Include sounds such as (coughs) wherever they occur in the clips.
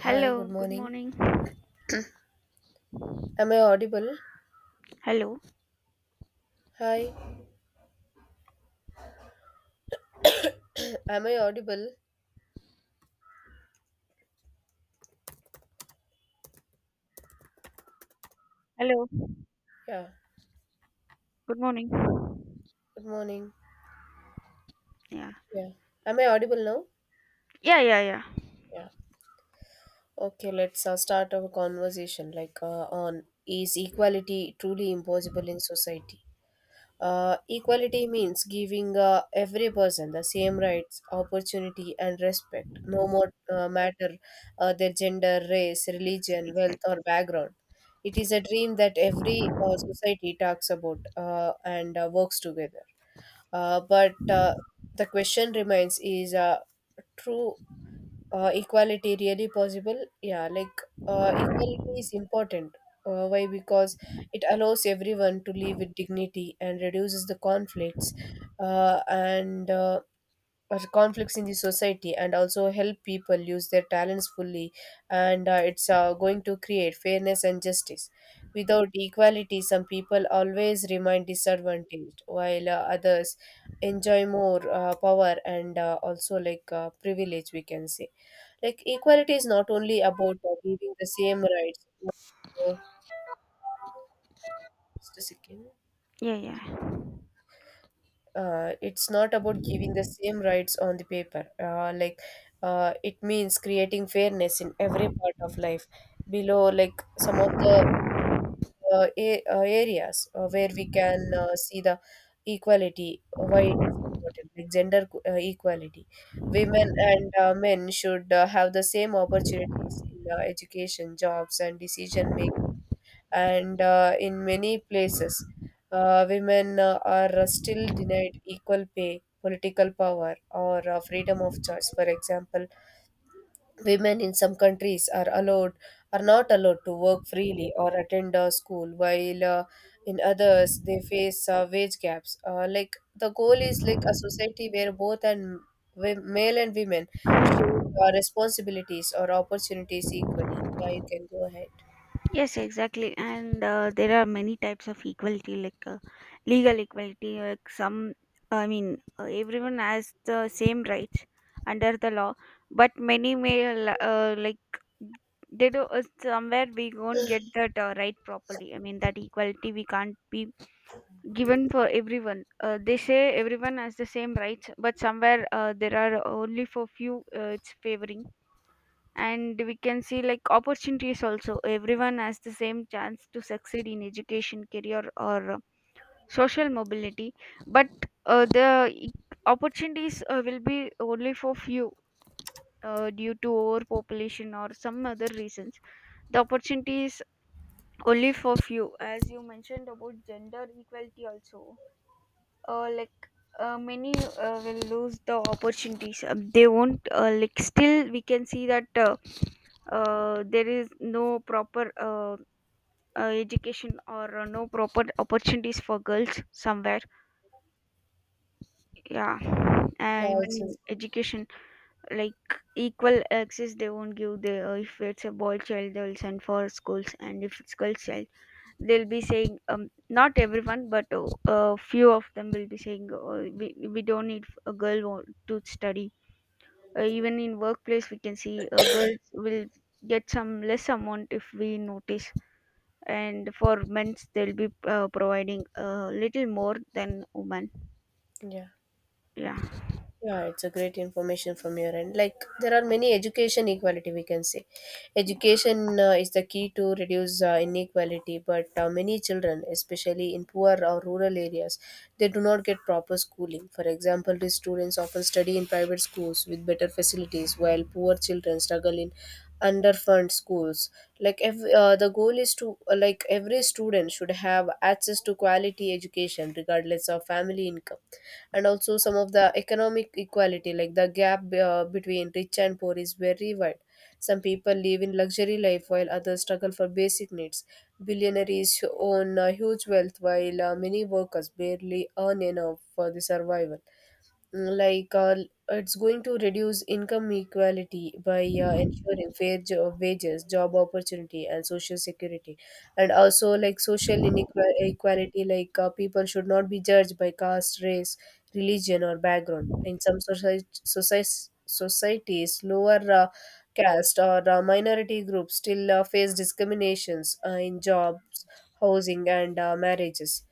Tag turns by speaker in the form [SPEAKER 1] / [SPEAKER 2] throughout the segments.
[SPEAKER 1] Hi, good
[SPEAKER 2] good
[SPEAKER 1] morning.
[SPEAKER 2] morning.
[SPEAKER 1] Am I audible?
[SPEAKER 2] Hello.
[SPEAKER 1] Hi, am I audible?
[SPEAKER 2] Hello,
[SPEAKER 1] Yeah,
[SPEAKER 2] good morning.
[SPEAKER 1] good morning.
[SPEAKER 2] yeah,
[SPEAKER 1] Yeah, am I audible now?
[SPEAKER 2] yeah, yeah, yeah,
[SPEAKER 1] Yeah. Okay, let's start our conversation like on is equality truly impossible in society? Equality means giving every person the same rights, opportunity, and respect, no more matter their gender, race,
[SPEAKER 2] Yes,
[SPEAKER 1] religion, wealth,
[SPEAKER 2] exactly.
[SPEAKER 1] or background. It is a dream that every society talks about and works together. But the question remains: is true equality really possible, yeah, like equality is important, why? Because it allows everyone to live with dignity and reduces the conflicts and or conflicts in the society, and also help people use their talents fully, and it's going to create fairness and justice. Without equality, some people always remain disadvantaged while others enjoy more power and also like privilege, we can say. Like equality is not only about giving the same rights. uh, just a second.
[SPEAKER 2] yeah, yeah,
[SPEAKER 1] It's not about giving the same rights on the paper. It means creating fairness in every part of life. Below, like some of the areas where we can see the equality, why it is important, like gender equality. Women and men should have the same opportunities in education, jobs, and decision making, and in many places, women are still denied equal pay, political power, or freedom of choice. For example, women in some countries are allowed are not allowed to work freely or attend a school, while in others they face wage gaps. Like the goal is like a society where both male and women share responsibilities or opportunities equally. Yeah, you can go ahead.
[SPEAKER 2] yes, exactly. And there are many types of equality, like legal equality, like some, I mean, everyone has the same rights under the law, but many like they do somewhere we won't get that right properly. I mean, that equality we can't be given for everyone. They say everyone has the same rights, but somewhere there are only for few it's favoring. And we can see like opportunities also. Everyone has the same chance to succeed in education, career, or social mobility, but uh, the e- opportunities will be only for few. Due to overpopulation or some other reasons, the opportunities only for few. As you mentioned about gender equality, also uh, like many will lose the opportunities. They won't like still we can see that there is no proper education or no proper opportunities for girls somewhere. Yeah,
[SPEAKER 1] Yeah,
[SPEAKER 2] even
[SPEAKER 1] it's
[SPEAKER 2] in
[SPEAKER 1] a-
[SPEAKER 2] education like equal access they won't give. They if it's a boy child they will send for schools, and if it's girl child they'll be saying not everyone but a few of them will be saying uh, we don't need a girl to study. Even in workplace we can see girls will get some less amount if we notice, and for men's they'll be providing a little more than women.
[SPEAKER 1] yeah.
[SPEAKER 2] Yeah.
[SPEAKER 1] Yeah, it's a great information from your end. Like there are many education equality, we can say. Education is the key to reduce inequality, but many children, especially in poor or rural areas, they do not get proper schooling. For example, these students often study in private schools with better facilities, while poor children struggle in underfunded schools. Like every, the goal is to like every student should have access to quality education regardless of family income. And also, some of the economic equality, like the gap between rich and poor is very wide. Some people live in luxury life while others struggle for basic needs. Billionaires own huge wealth while many workers barely earn enough for the survival. Mm, like it's going to reduce income equality by ensuring fair wages, job opportunity, and social security. And also like social inequality, like people should not be judged by caste, race, religion, or background. In some society, societies, lower caste or minority groups still face discriminations in jobs, housing, and marriages.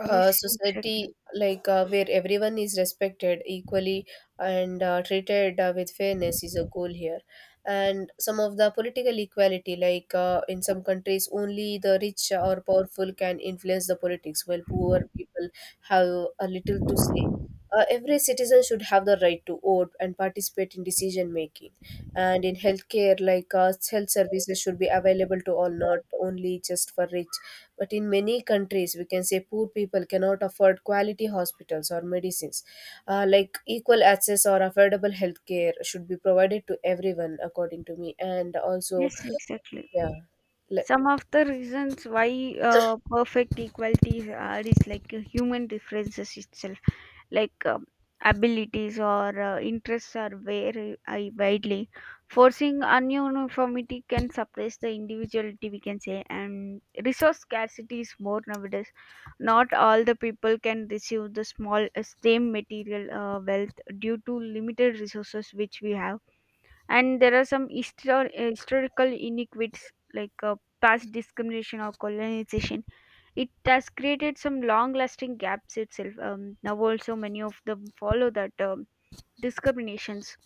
[SPEAKER 2] Yes, exactly.
[SPEAKER 1] Society like where everyone is respected equally and treated with fairness is a goal here. And some of the political equality, like in some countries only the rich or powerful can influence the politics while poor people have a little to say. Every citizen should have the right to vote and participate in decision making. And in healthcare, like health services should be available to all, not only just for rich, but in many countries, we can say, poor people cannot afford quality hospitals or medicines. Like equal access or affordable healthcare should be provided to everyone, according to me. And also,
[SPEAKER 2] Yes, exactly.
[SPEAKER 1] yeah, le-
[SPEAKER 2] Some of the reasons why perfect equality are is like human differences itself, like abilities or interests are very I widely. Forcing ununiformity can suppress the individuality, we can say, and resource scarcity is more nowadays. Not all the people can receive the small same material wealth due to limited resources which we have, and there are some historical inequities like past discrimination or colonization. It has created some long-lasting gaps itself. Now also many of them follow that discriminations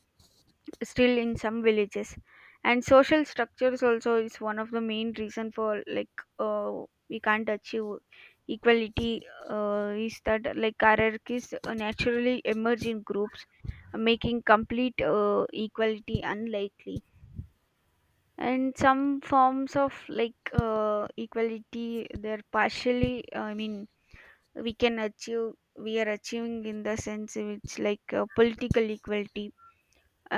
[SPEAKER 2] still in some villages, and social structures also is one of the main reason for we can't achieve equality. Is that like hierarchies naturally emerge in groups, making complete equality unlikely, and some forms of equality they're partially, I mean, we can achieve we are achieving in the sense it's political equality.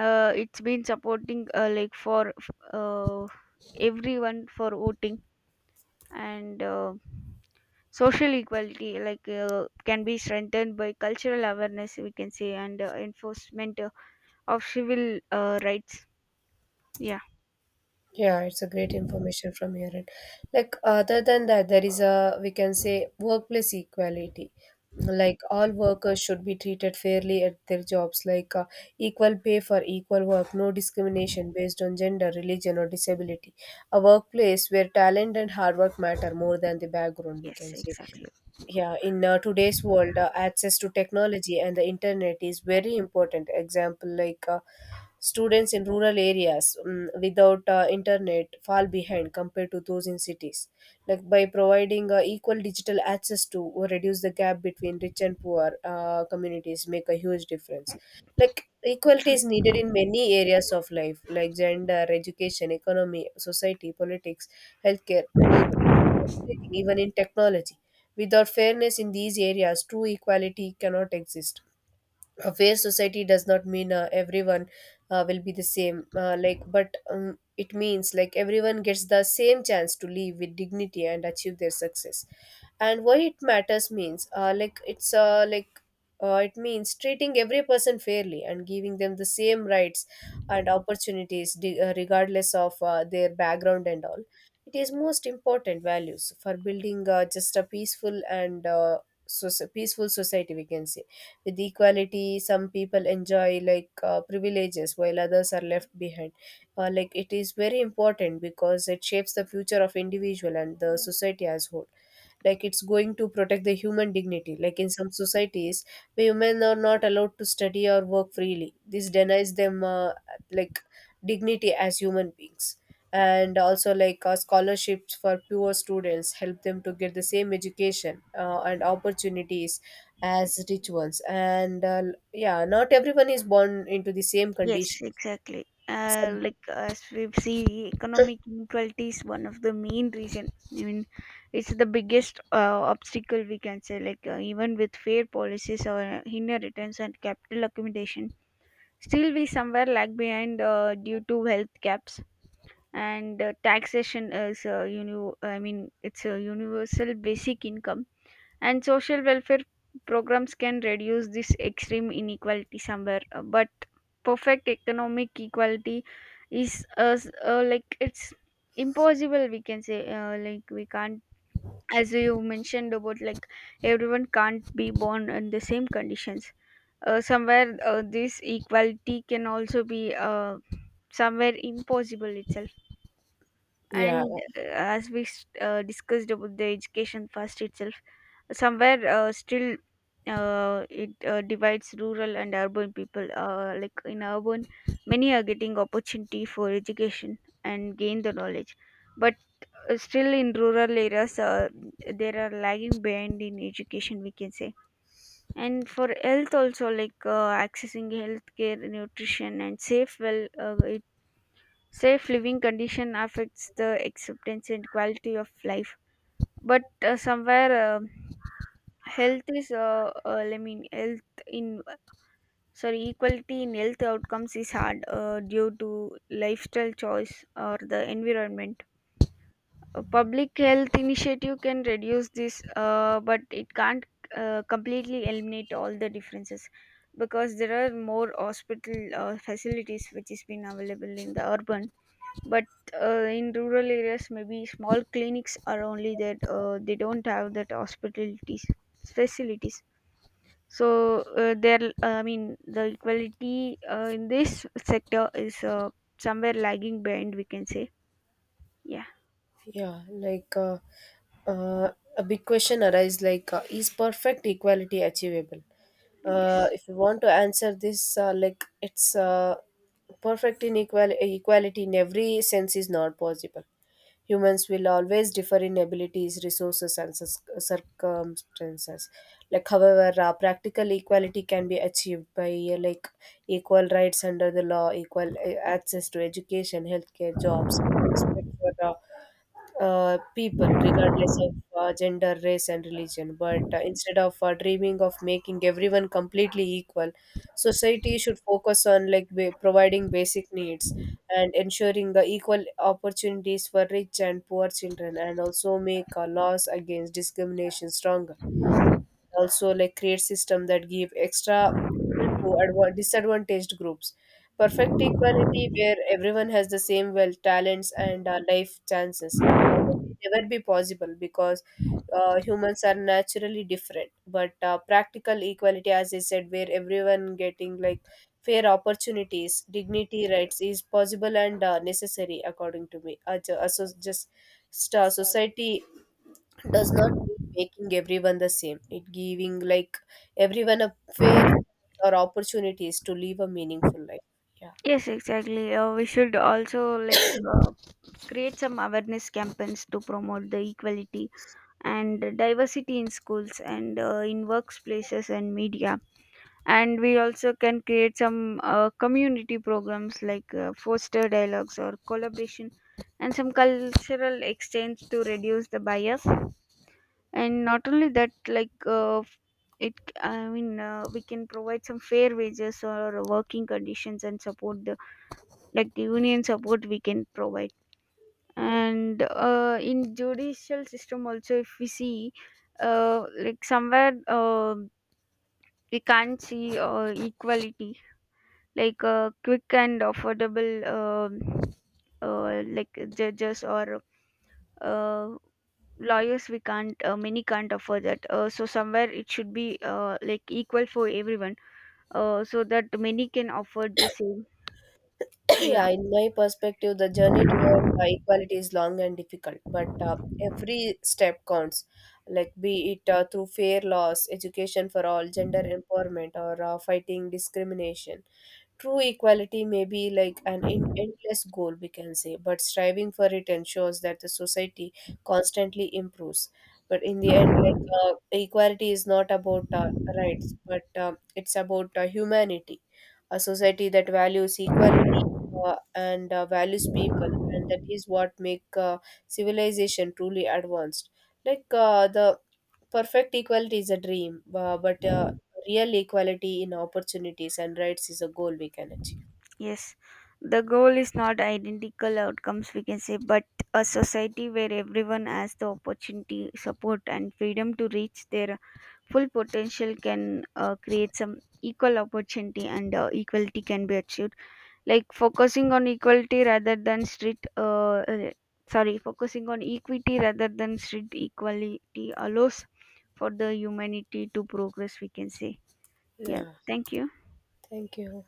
[SPEAKER 2] It's been supporting like for uh, everyone for voting, and social equality can be strengthened by cultural awareness, we can say, and enforcement of civil rights. Yeah.
[SPEAKER 1] yeah, it's a great information from your end. Like other than that, there is a, we can say, workplace equality. Like all workers should be treated fairly at their jobs, like equal pay for equal work, no discrimination based on gender, religion, or disability. A workplace where talent and hard work matter more than the background, we
[SPEAKER 2] Yes,
[SPEAKER 1] can say.
[SPEAKER 2] exactly.
[SPEAKER 1] Yeah, in today's world, access to technology and the internet is very important. Example, like students in rural areas without internet fall behind compared to those in cities. Like by providing equal digital access to or reduce the gap between rich and poor communities make a huge difference. Like
[SPEAKER 2] So.
[SPEAKER 1] equality is needed in many areas of life, like gender, education, economy, society, politics, healthcare, work, everything, even in technology. Without fairness in these areas, true equality cannot exist. A fair society does not mean everyone will be the same like, but it means like everyone gets the same chance to live with dignity and achieve their success. And why it matters means it means treating every person fairly and giving them the same rights and opportunities, regardless of their background and all. It is most important values for building just a peaceful and peaceful society, we can say. With equality, some people enjoy like privileges while others are left behind. Like it is very important because it shapes the future of individual and the society as whole. Like it's going to protect the human dignity. Like in some societies women are not allowed to study or work freely. This denies them like dignity as human beings. And also like scholarships for poor students help them to get the same education and opportunities as rituals. And yeah, not everyone is born into the same
[SPEAKER 2] Yes,
[SPEAKER 1] condition.
[SPEAKER 2] exactly.
[SPEAKER 1] Some
[SPEAKER 2] Like as we see, economic inequality is one of the main reason. I mean, it's the biggest obstacle, we can say. Like even with fair policies or inheritance and capital accommodation, still we somewhere lag behind due to health gaps. And taxation is, you know, I mean, it's a universal basic income and social welfare programs can reduce this extreme inequality somewhere, but perfect economic equality is like it's impossible. We can say like we can't, as you mentioned about, like everyone can't be born in the same conditions. Somewhere this equality can also be somewhere impossible itself.
[SPEAKER 1] yeah.
[SPEAKER 2] And as we discussed about the education first itself, somewhere still it divides rural and urban people. Like in urban many are getting opportunity for education and gain the knowledge, but still in rural areas there are lagging behind in education, we can say. And for health also, like accessing healthcare, nutrition and safe safe living condition affects the acceptance and quality of life, but somewhere health is I mean health in sorry, equality in health outcomes is hard due to lifestyle choice or the environment. A public health initiative can reduce this but it can't completely eliminate all the differences, because there are more hospital facilities which is been available in the urban, but in rural areas maybe small clinics are only that they don't have that hospitalities facilities. So there, I mean, the equality in this sector is somewhere lagging behind. We can say, yeah.
[SPEAKER 1] Yeah, like uh, a big question arises like, is perfect equality achievable?
[SPEAKER 2] Yes,
[SPEAKER 1] If you want to answer this, like it's perfect equality in every sense is not possible. Humans will always differ in abilities, resources, and circumstances. Like, however, practical equality can be achieved by like equal rights under the law, equal access to education, healthcare, jobs, respect for people, regardless of gender, race, and religion. But instead of dreaming of making everyone completely equal, society should focus on like providing basic needs and ensuring the equal opportunities for rich and poor children, and also make laws against discrimination stronger. Also like create system that give extra help to disadvantaged groups. Perfect equality where everyone has the same wealth, talents, and life chances will never be possible because humans are naturally different, but practical equality, as I said, where everyone getting like fair opportunities, dignity, rights, is possible and necessary, according to me. So just society does not mean making everyone the same, it giving like everyone a fair or opportunities to live a meaningful life. Yeah.
[SPEAKER 2] yes, exactly. We should also uh, create some awareness campaigns to promote the equality and diversity in schools and in workplaces and media. And we also can create some community programs foster dialogues or collaboration and some cultural exchange to reduce the bias. And not only that, like it I mean, we can provide some fair wages or working conditions and support the, like, the union support we can provide. And in judicial system also if we see somewhere we can't see equality like quick and affordable. um like judges or uh, lawyers we can't, many can't afford that, so somewhere it should be like equal for everyone, so that many can afford the same.
[SPEAKER 1] (coughs) (clears throat)
[SPEAKER 2] Yeah.
[SPEAKER 1] Yeah, in my perspective, the journey towards equality is long and difficult, but every step counts. Like be it through fair laws, education for all, gender empowerment, or fighting discrimination. True equality may be like an endless goal, we can say, but striving for it ensures that the society constantly improves. But in the end, like equality is not about rights, but it's about humanity. A society that values equality and values people, and that is what make civilization truly advanced. Like the perfect equality is a dream, but real equality in opportunities and rights is a goal we can achieve.
[SPEAKER 2] Yes, the goal is not identical outcomes, we can say, but a society where everyone has the opportunity, support, and freedom to reach their full potential can create some equal opportunity and equality can be achieved. Like focusing on equality rather than strict sorry, focusing on equity rather than strict equality allows for the humanity to progress, we can say. Yeah,
[SPEAKER 1] Yeah.
[SPEAKER 2] thank you.
[SPEAKER 1] Thank you.